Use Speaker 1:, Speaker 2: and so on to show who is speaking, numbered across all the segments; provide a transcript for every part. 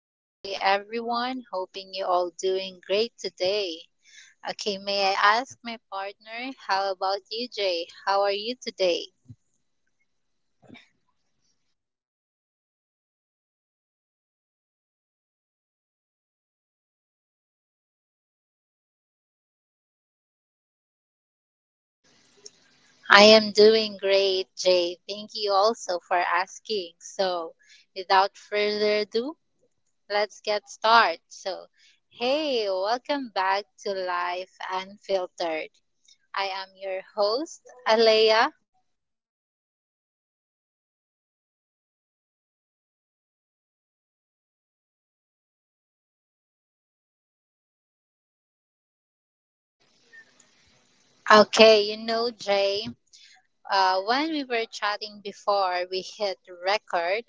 Speaker 1: good day everyone. Hoping you all doing great today. Okay, may I ask my partner, how about you, Jay? How are you today?
Speaker 2: I'm doing great, Elia. Thank you for asking. That seems nice. How about you?
Speaker 1: I am doing great, Jay. Thank you also for asking. So, without further ado, let's get started. So, hey, welcome back to Life Unfiltered. I am your host, Alea.
Speaker 2: And I am Jay, your co host for today. So glad to be here with you all today, guys.
Speaker 1: Okay, you know, Jay. When we were chatting before we hit record,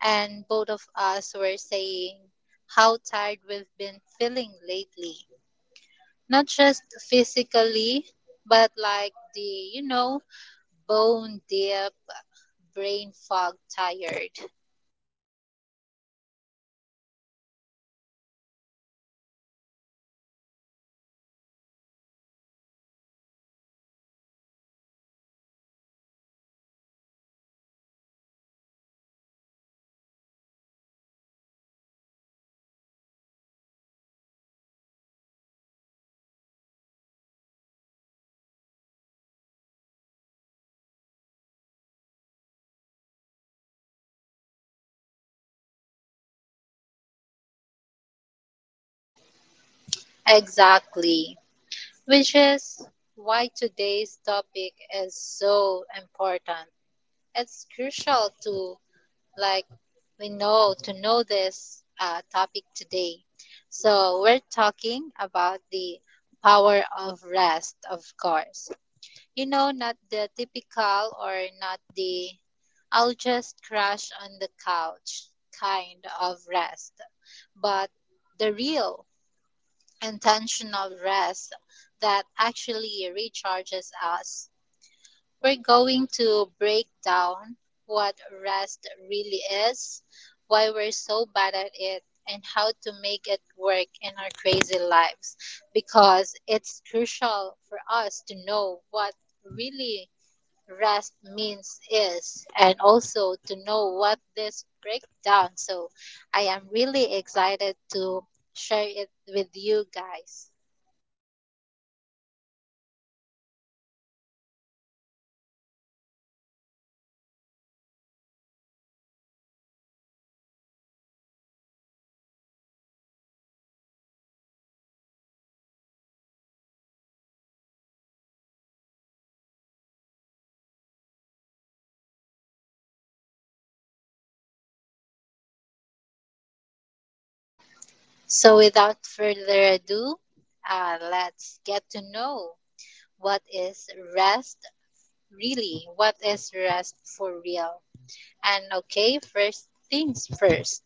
Speaker 1: and both of us were saying how tired we've been feeling lately. Not just physically, but like the, you know, bone deep brain fog tired.
Speaker 2: Totally, Elia. I was telling you, I spent my last day, actually, my last day off, cleaning this house, answering worksheets and text, and being a show just to feel like I was doing something. That's crazy, right? And I ended up more exhausted than what I started.
Speaker 1: Exactly. Which is why today's topic is so important. It's crucial to like we know to know this topic today. So we're talking about the power of rest, of course. You know, not the typical or not the I'll just crash on the couch kind of rest, but the real intentional rest that actually recharges us. We're going to break down what rest really is, why we're so bad at it, and how to make it work in our crazy lives because it's crucial for us to know what really rest means is and also to know what this breakdown. So I am really excited to share it with you guys.
Speaker 2: Yeah, that's right, Alea. And plus, we've got something science backed up insights, personalizing experiment we've tried, and also tips you can start using this week. Let's so let's get into it, Alea.
Speaker 1: So without further ado, let's get to know what is rest really? What is rest for real? And okay, first things first,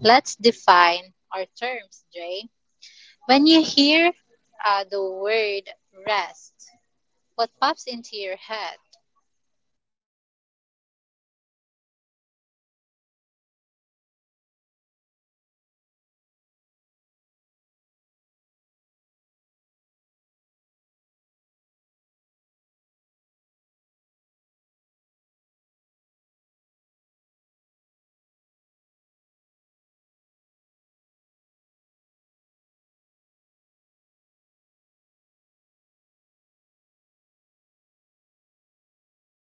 Speaker 1: let's define our terms, Jay. When you hear the word rest, what pops into your head?
Speaker 2: Um, Leia, honestly, sleeping in or maybe sitting up porch with a cup of coffee. But I'll be honest. Or uh, let's be honest, right? Every even if I do that, my mind is still running through my to-do list. Like,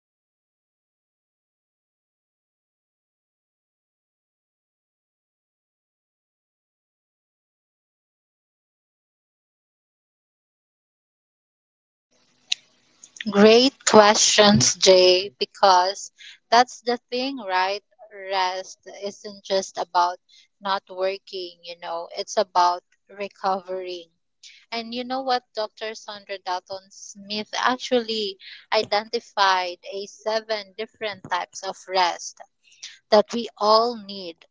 Speaker 2: am I really resting? If I'm planning tomorrow's regards while I lip my latte.
Speaker 1: Great questions, Jay, because that's the thing, right? Rest isn't just about not working, you know, it's about recovering. And you know what? Dr. Sandra Dalton Smith actually identified a seven different types of rest that we all need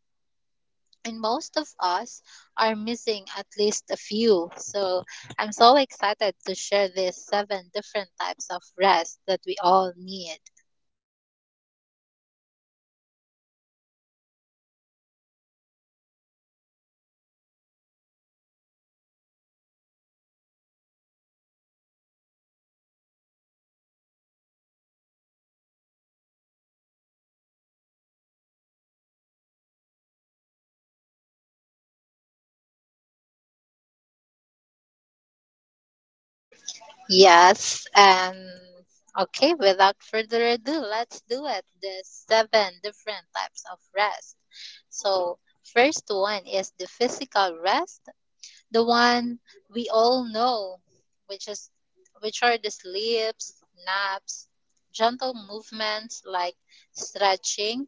Speaker 1: and most of us are missing at least a few. So I'm so excited to share these seven different types of rest that we all need.
Speaker 2: Oh, I love this breakdown. Let's run through them quickly, so everyone can see where they can might be falling short. I think everyone is so excited to hear about that.
Speaker 1: Yes, and okay, without further ado, let's do it. The seven different types of rest. So, first one is the physical rest, the one we all know, which is which are the sleeps, naps, gentle movements like stretching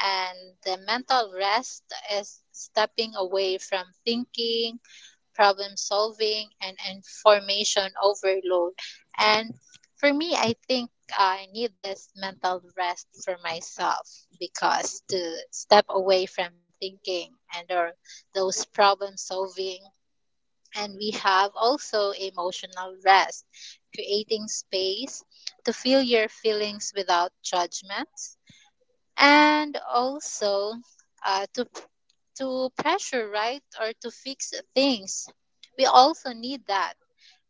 Speaker 1: and the mental rest is stepping away from thinking, problem solving and information overload. And for me, I think I need this mental rest for myself because to step away from thinking and or those problem solving and we have also emotional rest, creating space to feel your feelings without judgment, and also uh, to to pressure right or to fix things. We also need that,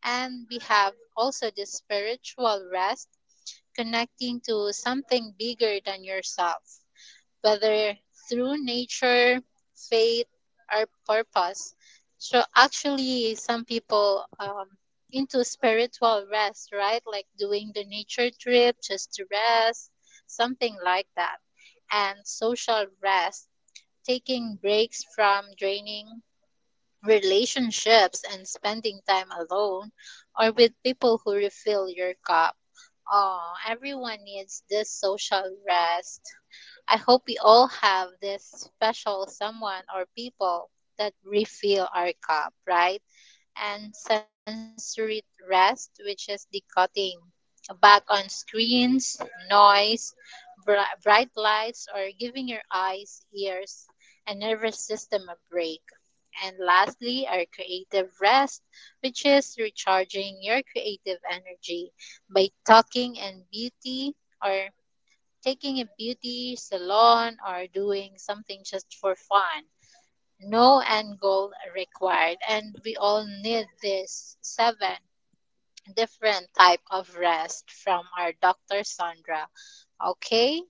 Speaker 1: and we have also the spiritual rest, connecting to something bigger than yourself whether through nature, faith, or purpose. So actually, some people into spiritual rest, right? Like doing the nature trip just to rest, something like that, and social rest, taking breaks from draining relationships and spending time alone or with people who refill your cup. Oh, everyone needs this social rest. I hope we all have this special someone or people that refill our cup, right? And sensory rest, which is the cutting back on screens, noise, bright lights, or giving your eyes, ears, and nervous system a break. And lastly, our creative rest, which is recharging your creative energy by talking and beauty or taking a beauty salon or doing something just for fun. No end goal required, and we all need this seven different type of rest from our Dr. Sandra. Okay?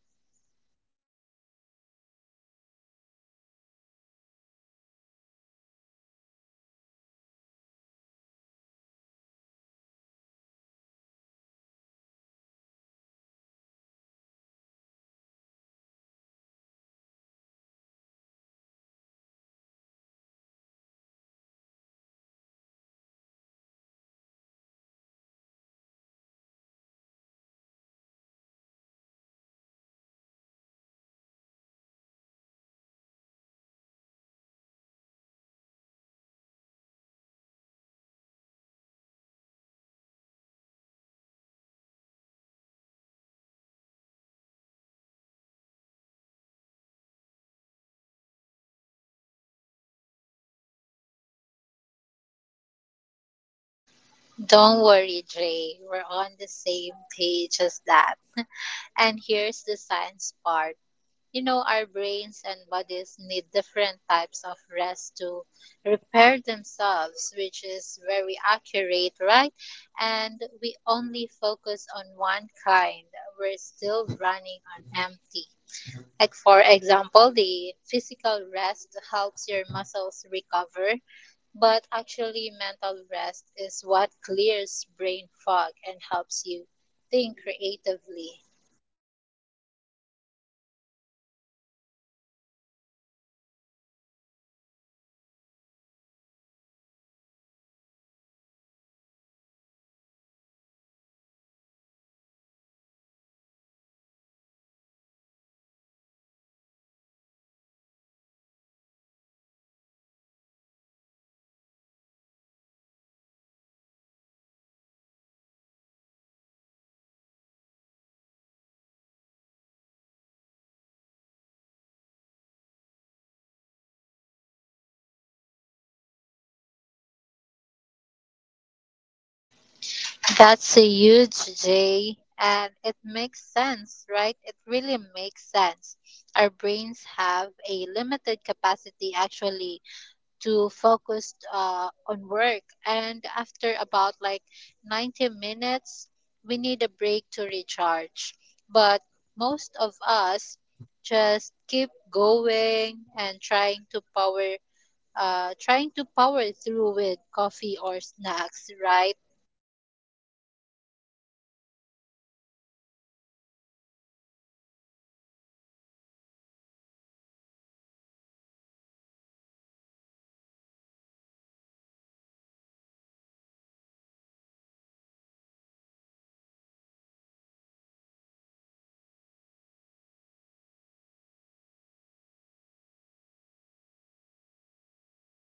Speaker 2: Oh my god. Wow, Aaliyah. I have no really idea that there will have many. I definitely get enough physical rest most days, but I'm terrible in sensory and mental rest also. I actually sleep 7 to 8 hours at night. Actually, every night. But I'm so, uh, you know, Alea, my phone until I actually making on my phone until the second I close my eyes. And I wake up checking emails before my feet hit the floor.
Speaker 1: Don't worry, Jay. We're on the same page as that. And here's the science part. You know, our brains and bodies need different types of rest to repair themselves, which is very accurate, right? And we only focus on one kind. We're still running on empty. Like, for example, the physical rest helps your muscles recover, but actually, mental rest is what clears brain fog and helps you think creatively.
Speaker 2: Yes, actually. Um, actually, Alea, I actually read a study recently that says that even 10 minutes of entertain entertainmental rest like sitting quiet and focus on your breath can actually improve our focus and productivity more than an hour of pushing through when you're tired, so maybe you can try, Alea.
Speaker 1: That's a huge J, and it makes sense, right? It really makes sense. Our brains have a limited capacity actually to focus on work, and after about like 90 minutes, we need a break to recharge. But most of us just keep going and trying to power through with coffee or snacks, right?
Speaker 2: Yes, Aliyah. Most people actually do that every day. You know that. Now, let's move on with why are we so bad at resting? Interesting, right? So, if rest is so important, why do we rest to see much? Aliyah,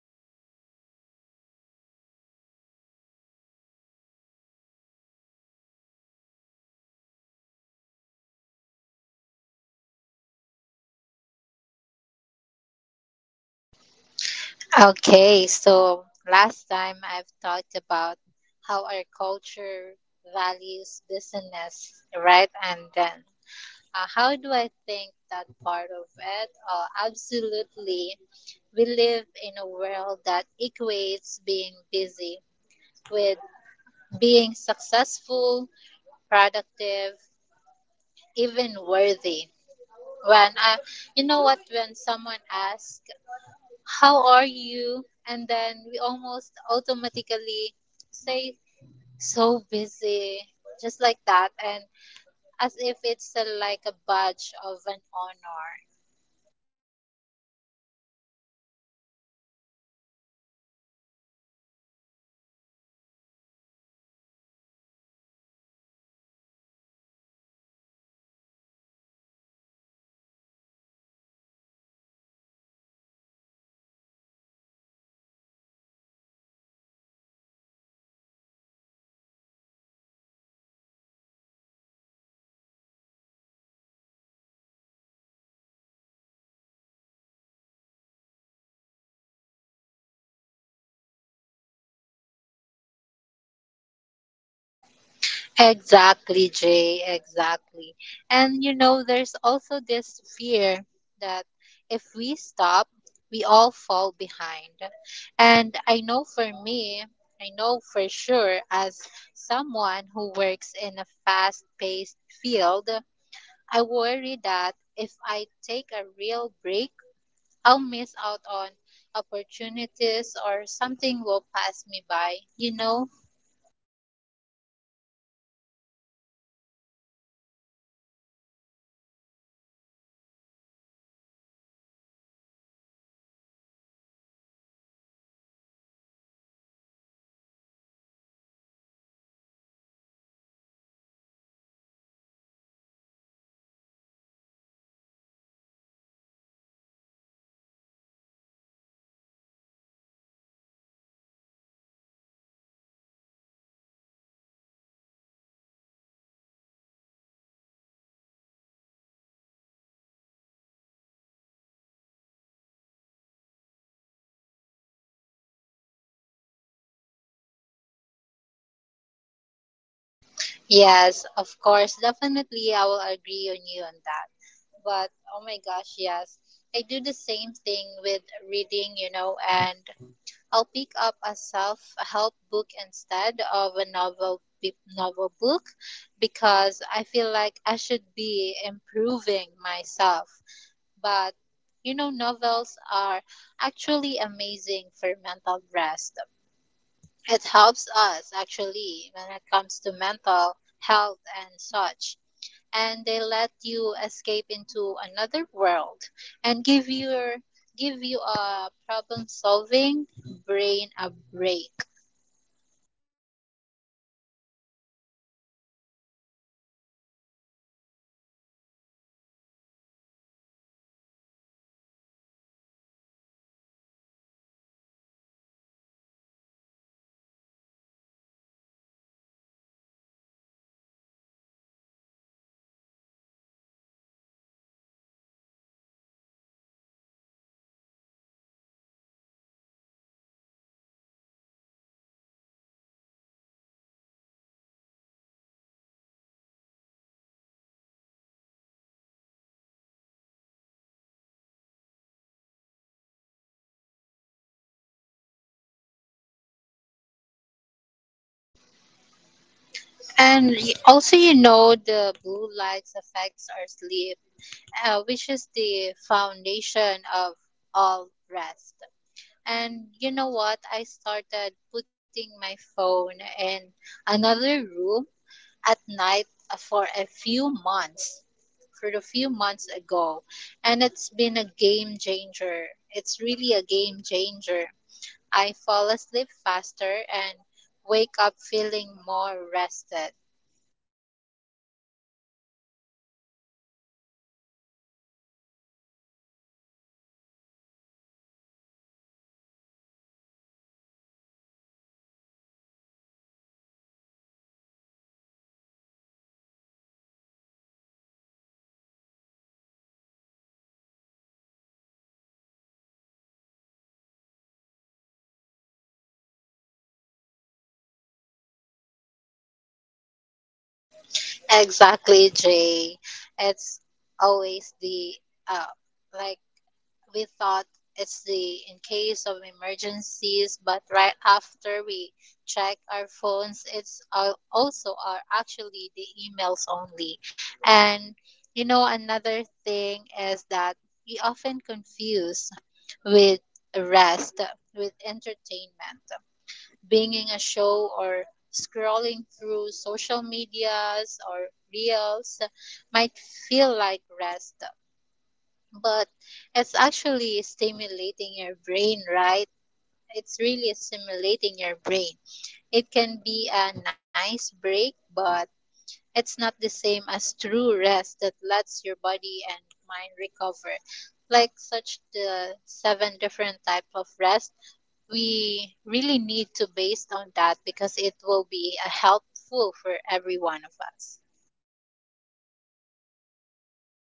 Speaker 2: you have talked before about how cultural value business, right? And how do you think that part of it?
Speaker 1: Okay, so last time I've talked about how our culture values business, right? And then how do I think that part of it? Absolutely. We live in a world that equates being busy with being successful, productive, even worthy. When I, you know what, when someone asks how are you? And then we almost automatically say, so busy, just like that. And as if it's a, like a badge of an honor.
Speaker 2: Technically, Aaliyah, I actually catch myself doing that all the time. If I could say I'm relaxing, I feel like I need to justify it. It's kind of, you know, like, oh, I'm just resting because I have a crazy week or I've earned this break. So I really need to. Why can't we just rest because we really need to?
Speaker 1: Exactly, Jay, exactly. And you know, there's also this fear that if we stop, we all fall behind. And I know for me, I know for sure as someone who works in a fast paced field, I worry that if I take a real break, I'll miss out on opportunities or something will pass me by, you know?
Speaker 2: Yes, Aaliyah. And then there's this kind of productivity guilt, right? Even when we're resting, we actually try to make it useful. Like, I've watched a documentary instead of the comedy because I steal myself and also I tell myself that I'm learning something. But that's not rest. We actually Um, that's actually telling us that we're still using our brain. Is that correct, Leah?
Speaker 1: Yes, of course, definitely I will agree on you on that. But oh my gosh, yes. I do the same thing with reading, you know, and I'll pick up a self-help book instead of a novel book because I feel like I should be improving myself. But you know, novels are actually amazing for mental rest. It helps us actually when it comes to mental health and such. And they let you escape into another world and give you a problem solving brain a break.
Speaker 2: That's actually a huge idea, Leah. So let's also talk about technology. How about that? It's actually a huge barrier to rest. Our phone are actually on every time, always pinging, always demanding our attention, even when we're trying to rest. We're bombarded with notifications, news, social media that's very common and very rampant at this moment. It's impossible to truly disconnect.
Speaker 1: And also, you know, the blue lights affects our sleep, which is the foundation of all rest. And you know what? I started putting my phone in another room at night for a few months, for a few months ago. And it's been a game changer. It's really a game changer. I fall asleep faster and wake up feeling more rested.
Speaker 2: Oh, Aaliyah, I think that is a good idea to do. I really need to try that. I still keep on mine on nightstand, of course, in case of emergencies, but let's be real, Alea. As in, be real. Most of the time, it's just email and social media alerts, right, Alea?
Speaker 1: Exactly, Jay. It's always the uh, like we thought it's the in case of emergencies, but right after we check our phones, it's also are actually the emails only. And you know, another thing is that we often confuse with rest with entertainment, binging a show or scrolling through social medias or reels might feel like rest but it's actually stimulating your brain. It can be a nice break, but it's not the same as true rest that lets your body and mind recover. Like such the seven different type of rest, we really need to based on that because it will be a helpful for every one of us.
Speaker 2: Yeah, right,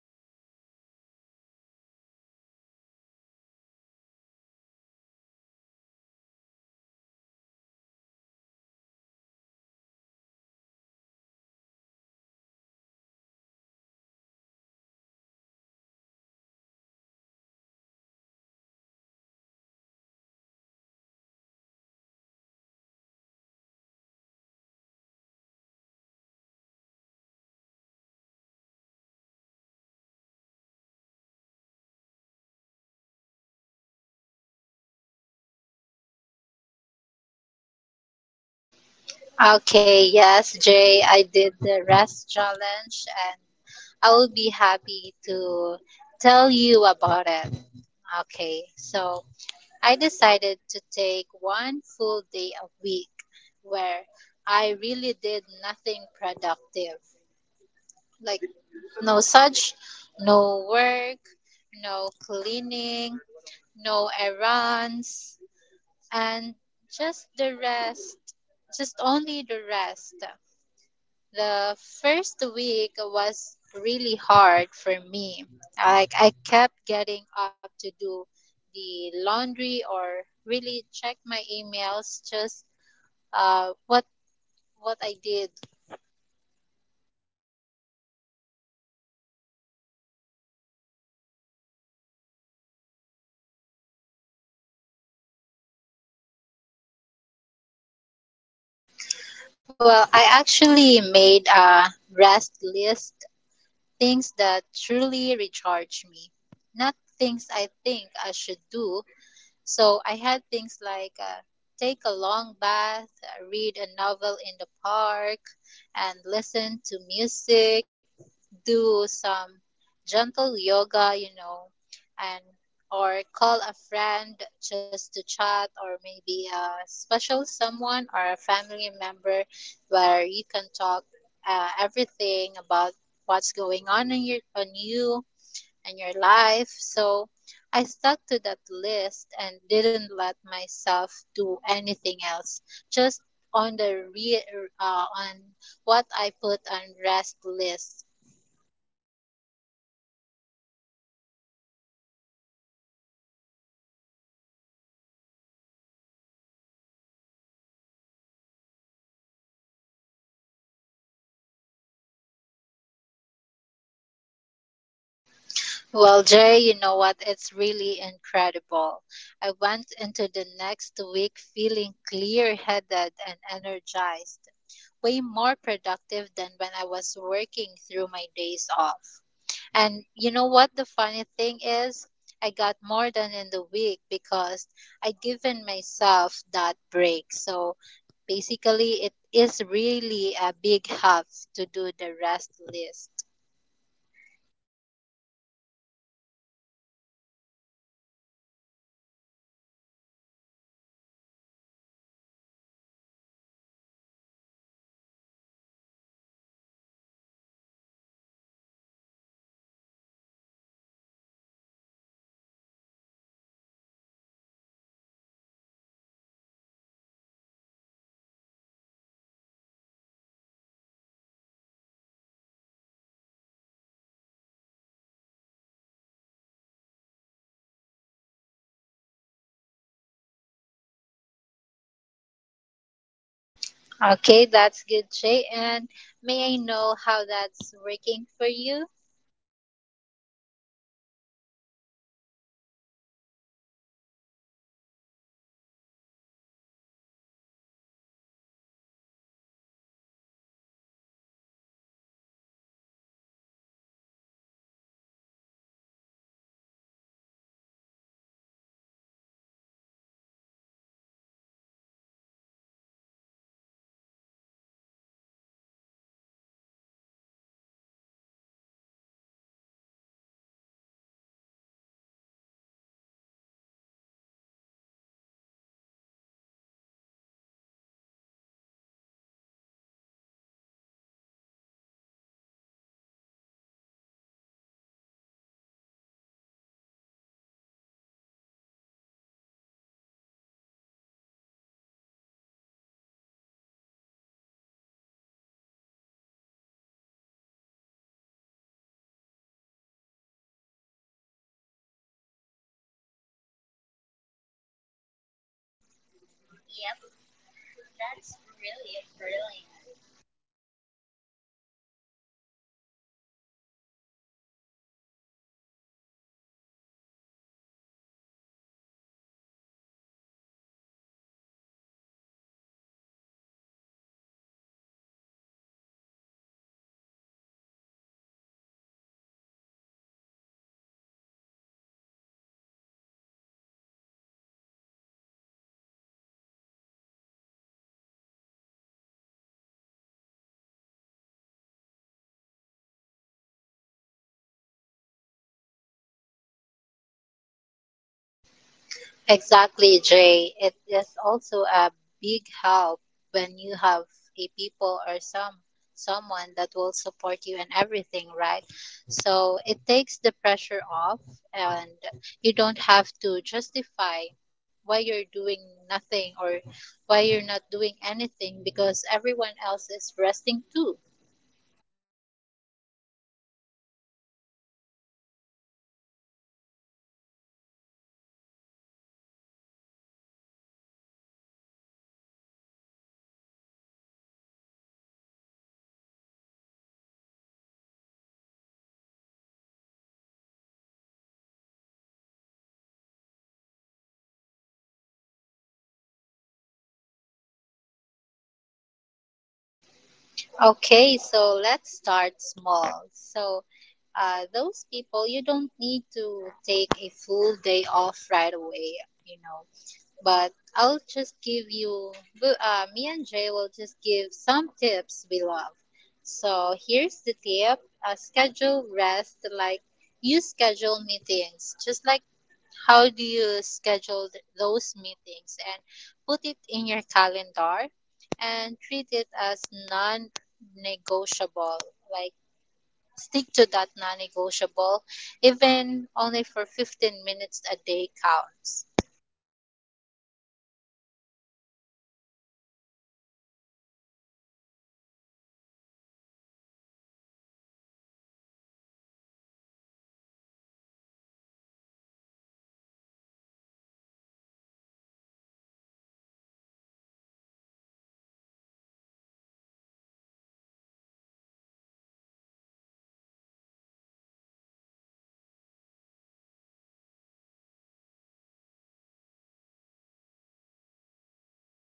Speaker 2: Alea. That's the reason why we're here to help our listener. And now, our personal rest is experiments. Okay, so we know what rest is, right, Alea? And why we're bad at it. Let's talk about what we've actually tired. Elia, you did that resting challenge last month, yeah? Am I right? Um, so tell us about it.
Speaker 1: Okay, yes, Jay, I did the rest challenge and I will be happy to tell you about it. Okay, so I decided to take one full day a week where I really did nothing productive. Like no such, no work, no cleaning, no errands, and just the rest. The first week was really hard for me. Like I kept getting up to do the laundry or really check my emails just uh what what I did.
Speaker 2: Oh, that's actually great, Leah. And how did you stop yourself?
Speaker 1: Well, I actually made a rest list things that truly recharge me. Not things I think I should do. So I had things like take a long bath, read a novel in the park, and listen to music, do some gentle yoga, you know, and or call a friend just to chat or maybe a special someone or a family member where you can talk everything about what's going on in you and your life. So I stuck to that list and didn't let myself do anything else. Just on the re- on what I put on rest list.
Speaker 2: Oh, actually, Leah, rest list is a very good idea to do that resting thing. And how did you feel after you do that?
Speaker 1: Well, Jay, you know what? It's really incredible. I went into the next week feeling clear headed and energized, way more productive than when I was working through my days off. And you know what the funny thing is? I got more done in the week because I given myself that break. So basically it is really a big help to do the rest list.
Speaker 2: Oh, that's so encouraging, Leah. I've tried something a little different. You know, I started talk microrest throughout my day instead of actually scrolling through my phone during breaks. I've closed my eyes for 5 to 10 minutes, go for a short walk outside, actually will good, or just look out the window and do nothing and just enjoy the view.
Speaker 1: Okay, that's good, Shay. And may I know how that's working for you?
Speaker 2: You know, Aliyah, that's very um feeling relaxing when you look for horizon, and you can actually very relaxing in seeing that kind of horizon you can see on your window. So I suggest you do it, Aliyah. Yep. That's really a brilliant, Aliyah, because rest can feel lonely when everyone else is so busy, right? And having people who actually understand and also support, like supporting it, make it so much easier. So I really want that kind of persons or people like actually understand you and also support you every time. And everywhere you go and or any decision you want.
Speaker 1: Exactly, Jay. It is also a big help when you have a people or someone that will support you in everything, right? So it takes the pressure off and you don't have to justify why you're doing nothing or why you're not doing anything because everyone else is resting too.
Speaker 2: That's right, Alea. So now we move on to our practical tips to build rest into yourself into our life. So, all right, let's get practical. For people who are thinking I want to rest more, but I don't have time. What can they do, Alea?
Speaker 1: Okay, so let's start small. So, those people, you don't need to take a full day off right away, you know. But I'll just give you, me and Jay will just give some tips we love. So, here's the tip schedule rest like you schedule meetings, just like how do you schedule those meetings and put it in your calendar and treat it as non negotiable? Like, stick to that non negotiable, even only for 15 minutes a day counts.
Speaker 2: Yep, and yes, Alea. I actually block off 2 p.m. every day for a mealtime break and also mental break. No exemption, Aliyah. As in no exemption. At first, people thought I was being lazy. Oh my god, I hate that. But now they know that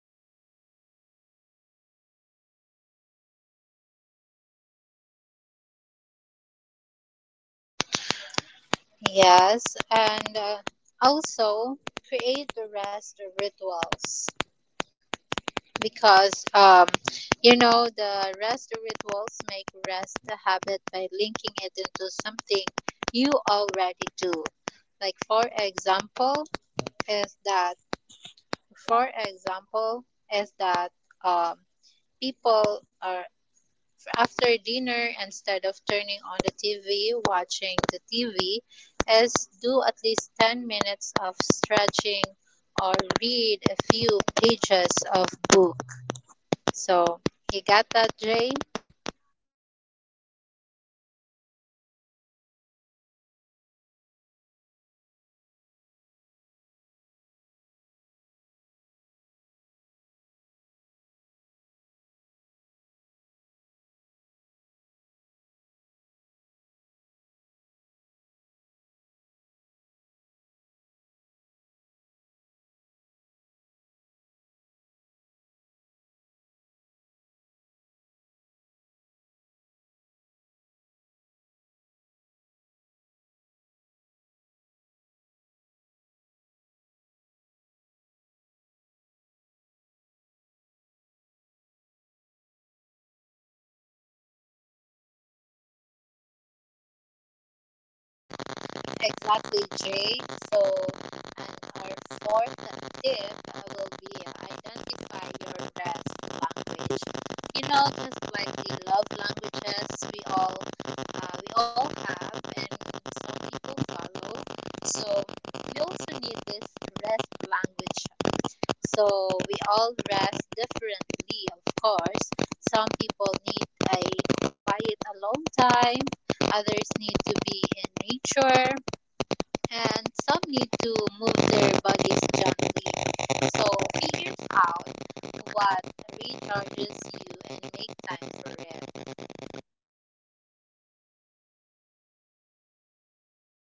Speaker 2: to message me during that time. So they actually understand me now.
Speaker 1: Yes, and also create the rest rituals. Because you know the rest rituals make rest a habit by linking it into something you already do like for example is that for example is that um, people are after dinner instead of turning on the tv watching the tv is do at least 10 minutes of stretching or read a few pages of book. So you got that, Jay?
Speaker 2: Oh, I see. And as for my end, I actually set boundaries with technology. Turn off non essential notification, put your phone away during meals, and try that phone free bedroom rules. I think that's a good idea. And even just changing it outside your room, or like charging it your phone outside the room at night, you can actually make a huge difference, Leah.
Speaker 1: Exactly, Jay. So, and our fourth tip will be identify your rest language. You know, just like the love languages we all have, and some people follow. So we also need this rest language. So we all rest differently, of course. Some people need a quiet alone time, others need to be in nature, and some need to move their bodies gently. So figure out what recharges you and make time for it.
Speaker 2: Yep, that's right, Leah.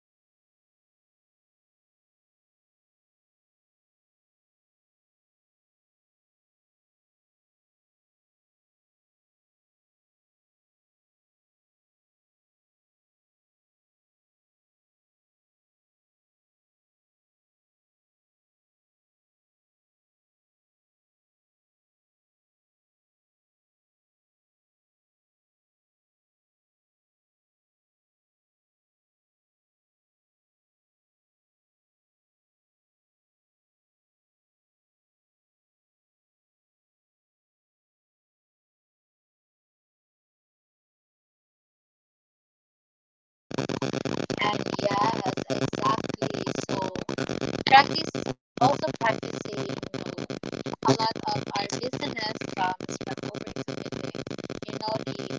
Speaker 2: So let's go of perfectionism. So, Leah, you know that resting doesn't have to be a perfect resting time. If you can only take 5 or 10 minutes instead of 30 minutes, that's okay. If you ended up doing one small course during your rest time. Don't beat yourself up. Just get back to rest when you still can, because that time will no longer be come to you again.
Speaker 1: And yes, exactly. So practice also practicing you know, a lot of our listeners from is from overcommitting. You know, the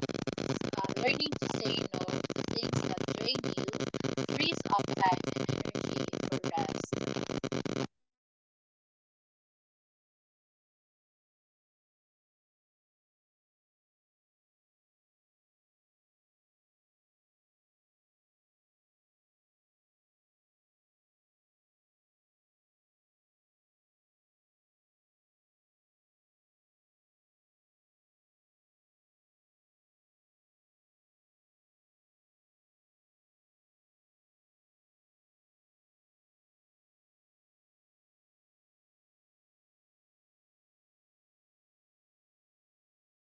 Speaker 1: uh, learning to say no to things that drain you frees up time and energy for rest,
Speaker 2: That's right, Alea. So maybe we can actually start practicing saying no, Alea. And also by combined rest with connection. Um, rest doesn't have actually resting is don't have to be lonely, we can actually call a friend, well you can take a walk outside, or do a quiet activity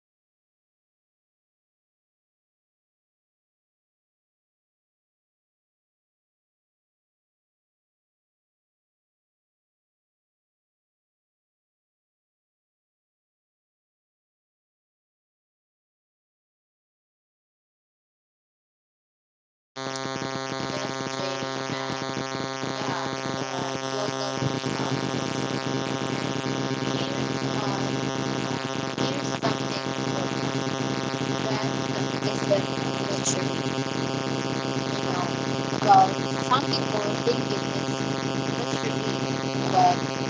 Speaker 2: with your parents or partner, or even joining a group that focuses on restful activities like meditations or specifically yoga or gardening. That's good idea.
Speaker 1: relaxation, and yeah, so you'll notice um, here's, here's something important. Rest isn't luxury, you know. Well, some people think it is luxury, but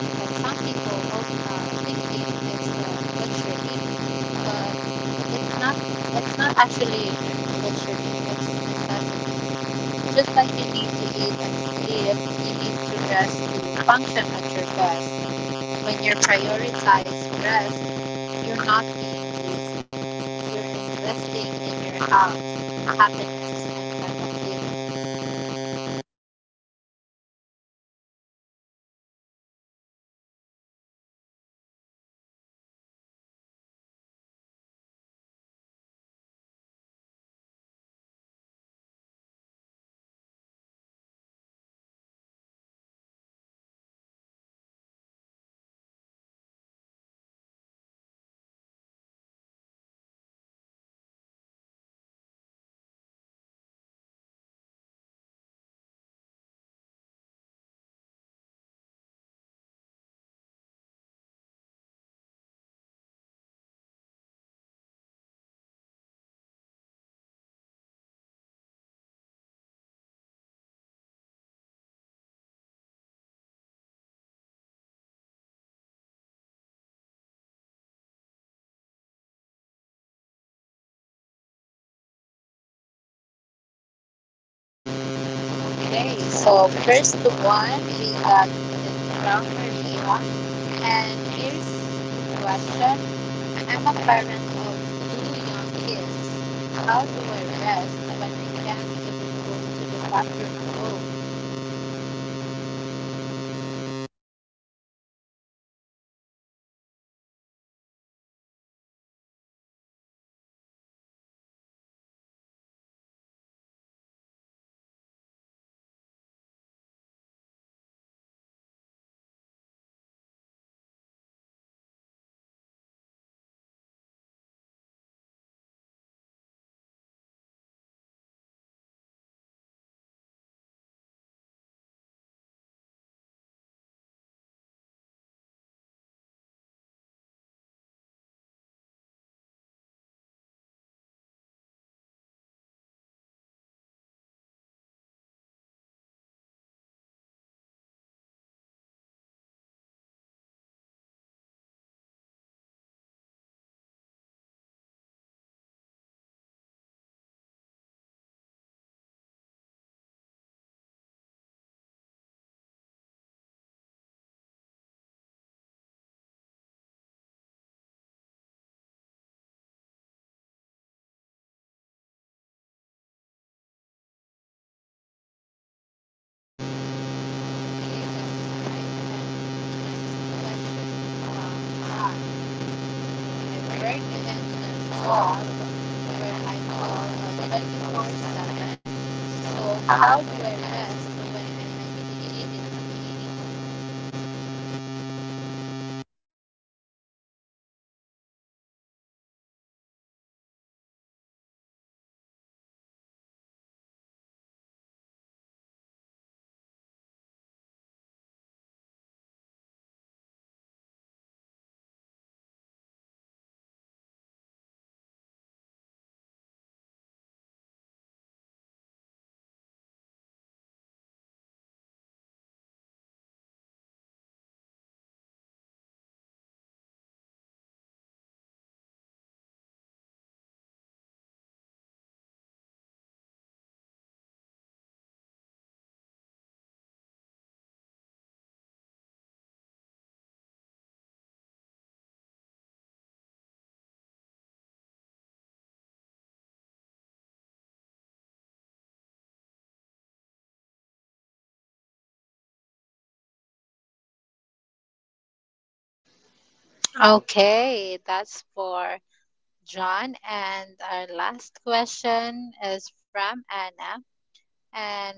Speaker 1: that some people uh, think it's luxury, but it's not. It's not actually butchery. It's necessity. Just like you need to eat and live, you need to rest to function at your best. When you prioritize rest, you're not being lazy. You're investing in your health, happiness, and well-being.
Speaker 2: That's right, Alea. You know, I love that. And remember everyone, to our listeners out there, it's a practice. You won't get it right every time, and that's okay. The goal isn't to be a perfect at resting, and it's to be more in intentional about it. So, yep, With with that, and now let's proceed to Q&A with our listeners. That's actually everyone's waiting for. So, we got some great questions from our listeners. Let's answer a few before we wrap up, Alea.
Speaker 1: Okay, so first one we got it from Maria, and here's the question: I'm a parent of 2 young kids. How do I rest when I can't even go to the bathroom alone?
Speaker 2: Oh, how do you rest when I can't even go to the bathroom alone? That's right. Oh, Maria, I feel you. Really. Um, Maybe rest look different when you have a little ones. Some ideas rest while they nap, even if it's truly laying on the couch, and close your eyes. Involves them in restful activities like reading together, doing a quiet crafts, or having a calm down time when everyone's set and doesn't their own things and have. And don't be afraid to ask for help, Maria. Having a partner, family members, or friends that actually watch the kids so that you can take even 30 minutes for yourself.
Speaker 1: Okay, that's right. And next question from Anne: I work in a job where I'm called 24/7. So how do I was going to ask, but it didn't.
Speaker 2: Yep. Um that's couch, John, but it's still possible. Set clear boundaries even if you're on call. Designate boundaries, actually, a certain time as low activities where you can actually minimize work related tasks. Create a rest space on your house where you can go to relax, even if you have your phone nearby. And of course, talk to your employers about the way you shared on call responsibility. Um, no no one can actually be available at the time and still do good work.
Speaker 1: Okay, that's for John. And our last question is from Anna. And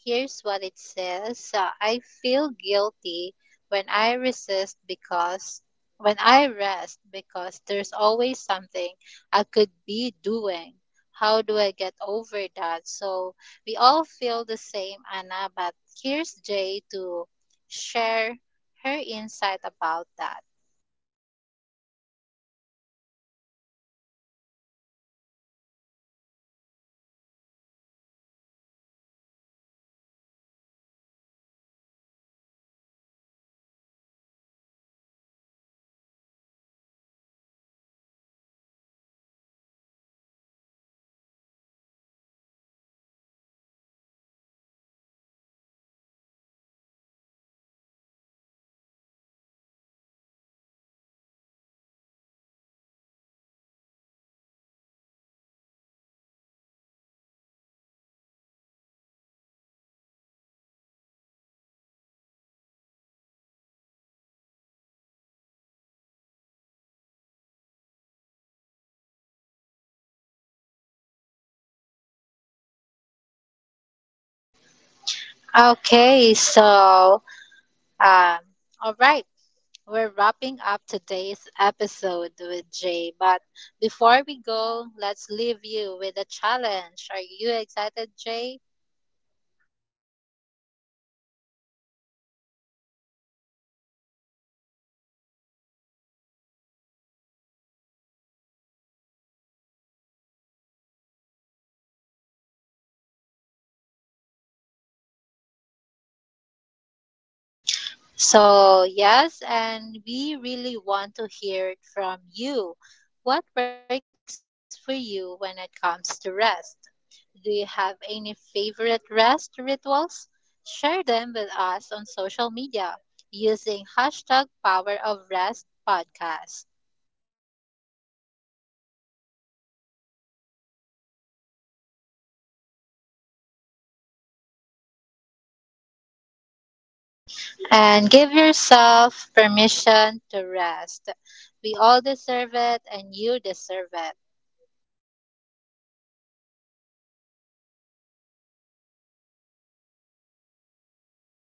Speaker 1: here's what it says I feel guilty when I resist because when I rest because there's always something I could be doing. How do I get over that? So we all feel the same, Anna, but here's Jay to share her insight about that.
Speaker 2: Um, you know, Aliyah, this kind of situation is very common, right? Right? Reframing rest as part of your work. Think of like charging your phone. You can actually you can use it for battery if dead. When you rest, you recharging your phone, or that could be very effective more at the thing that matters. Also, keep a list of how you feel after resting. And when you see that you're happier, more focused, and more patient, it's easier to let go of the guilt.
Speaker 1: Okay, so um, all right. We're wrapping up today's episode with Jay, but before we go, let's leave you with a challenge. Are you excited, Jay?
Speaker 2: Yes, Alea. This week, pick up just one type of rest you want to focus on. Maybe it's sensory rest, maybe it's mental rest, and make a time for it. Even 10 minutes a count.
Speaker 1: So, yes, and we really want to hear it from you. What works for you when it comes to rest? Do you have any favorite rest rituals? Share them with us on social media using hashtag Power of Rest Podcast.
Speaker 2: Yep, we'll be back next week with another episode all about building healthy habits that stick. Still then,
Speaker 1: And give yourself permission to rest. We all deserve it, and you deserve it.
Speaker 2: yep, that's right, Alea. Thank you for listening, everyone. Take care of yourselves. Thank you.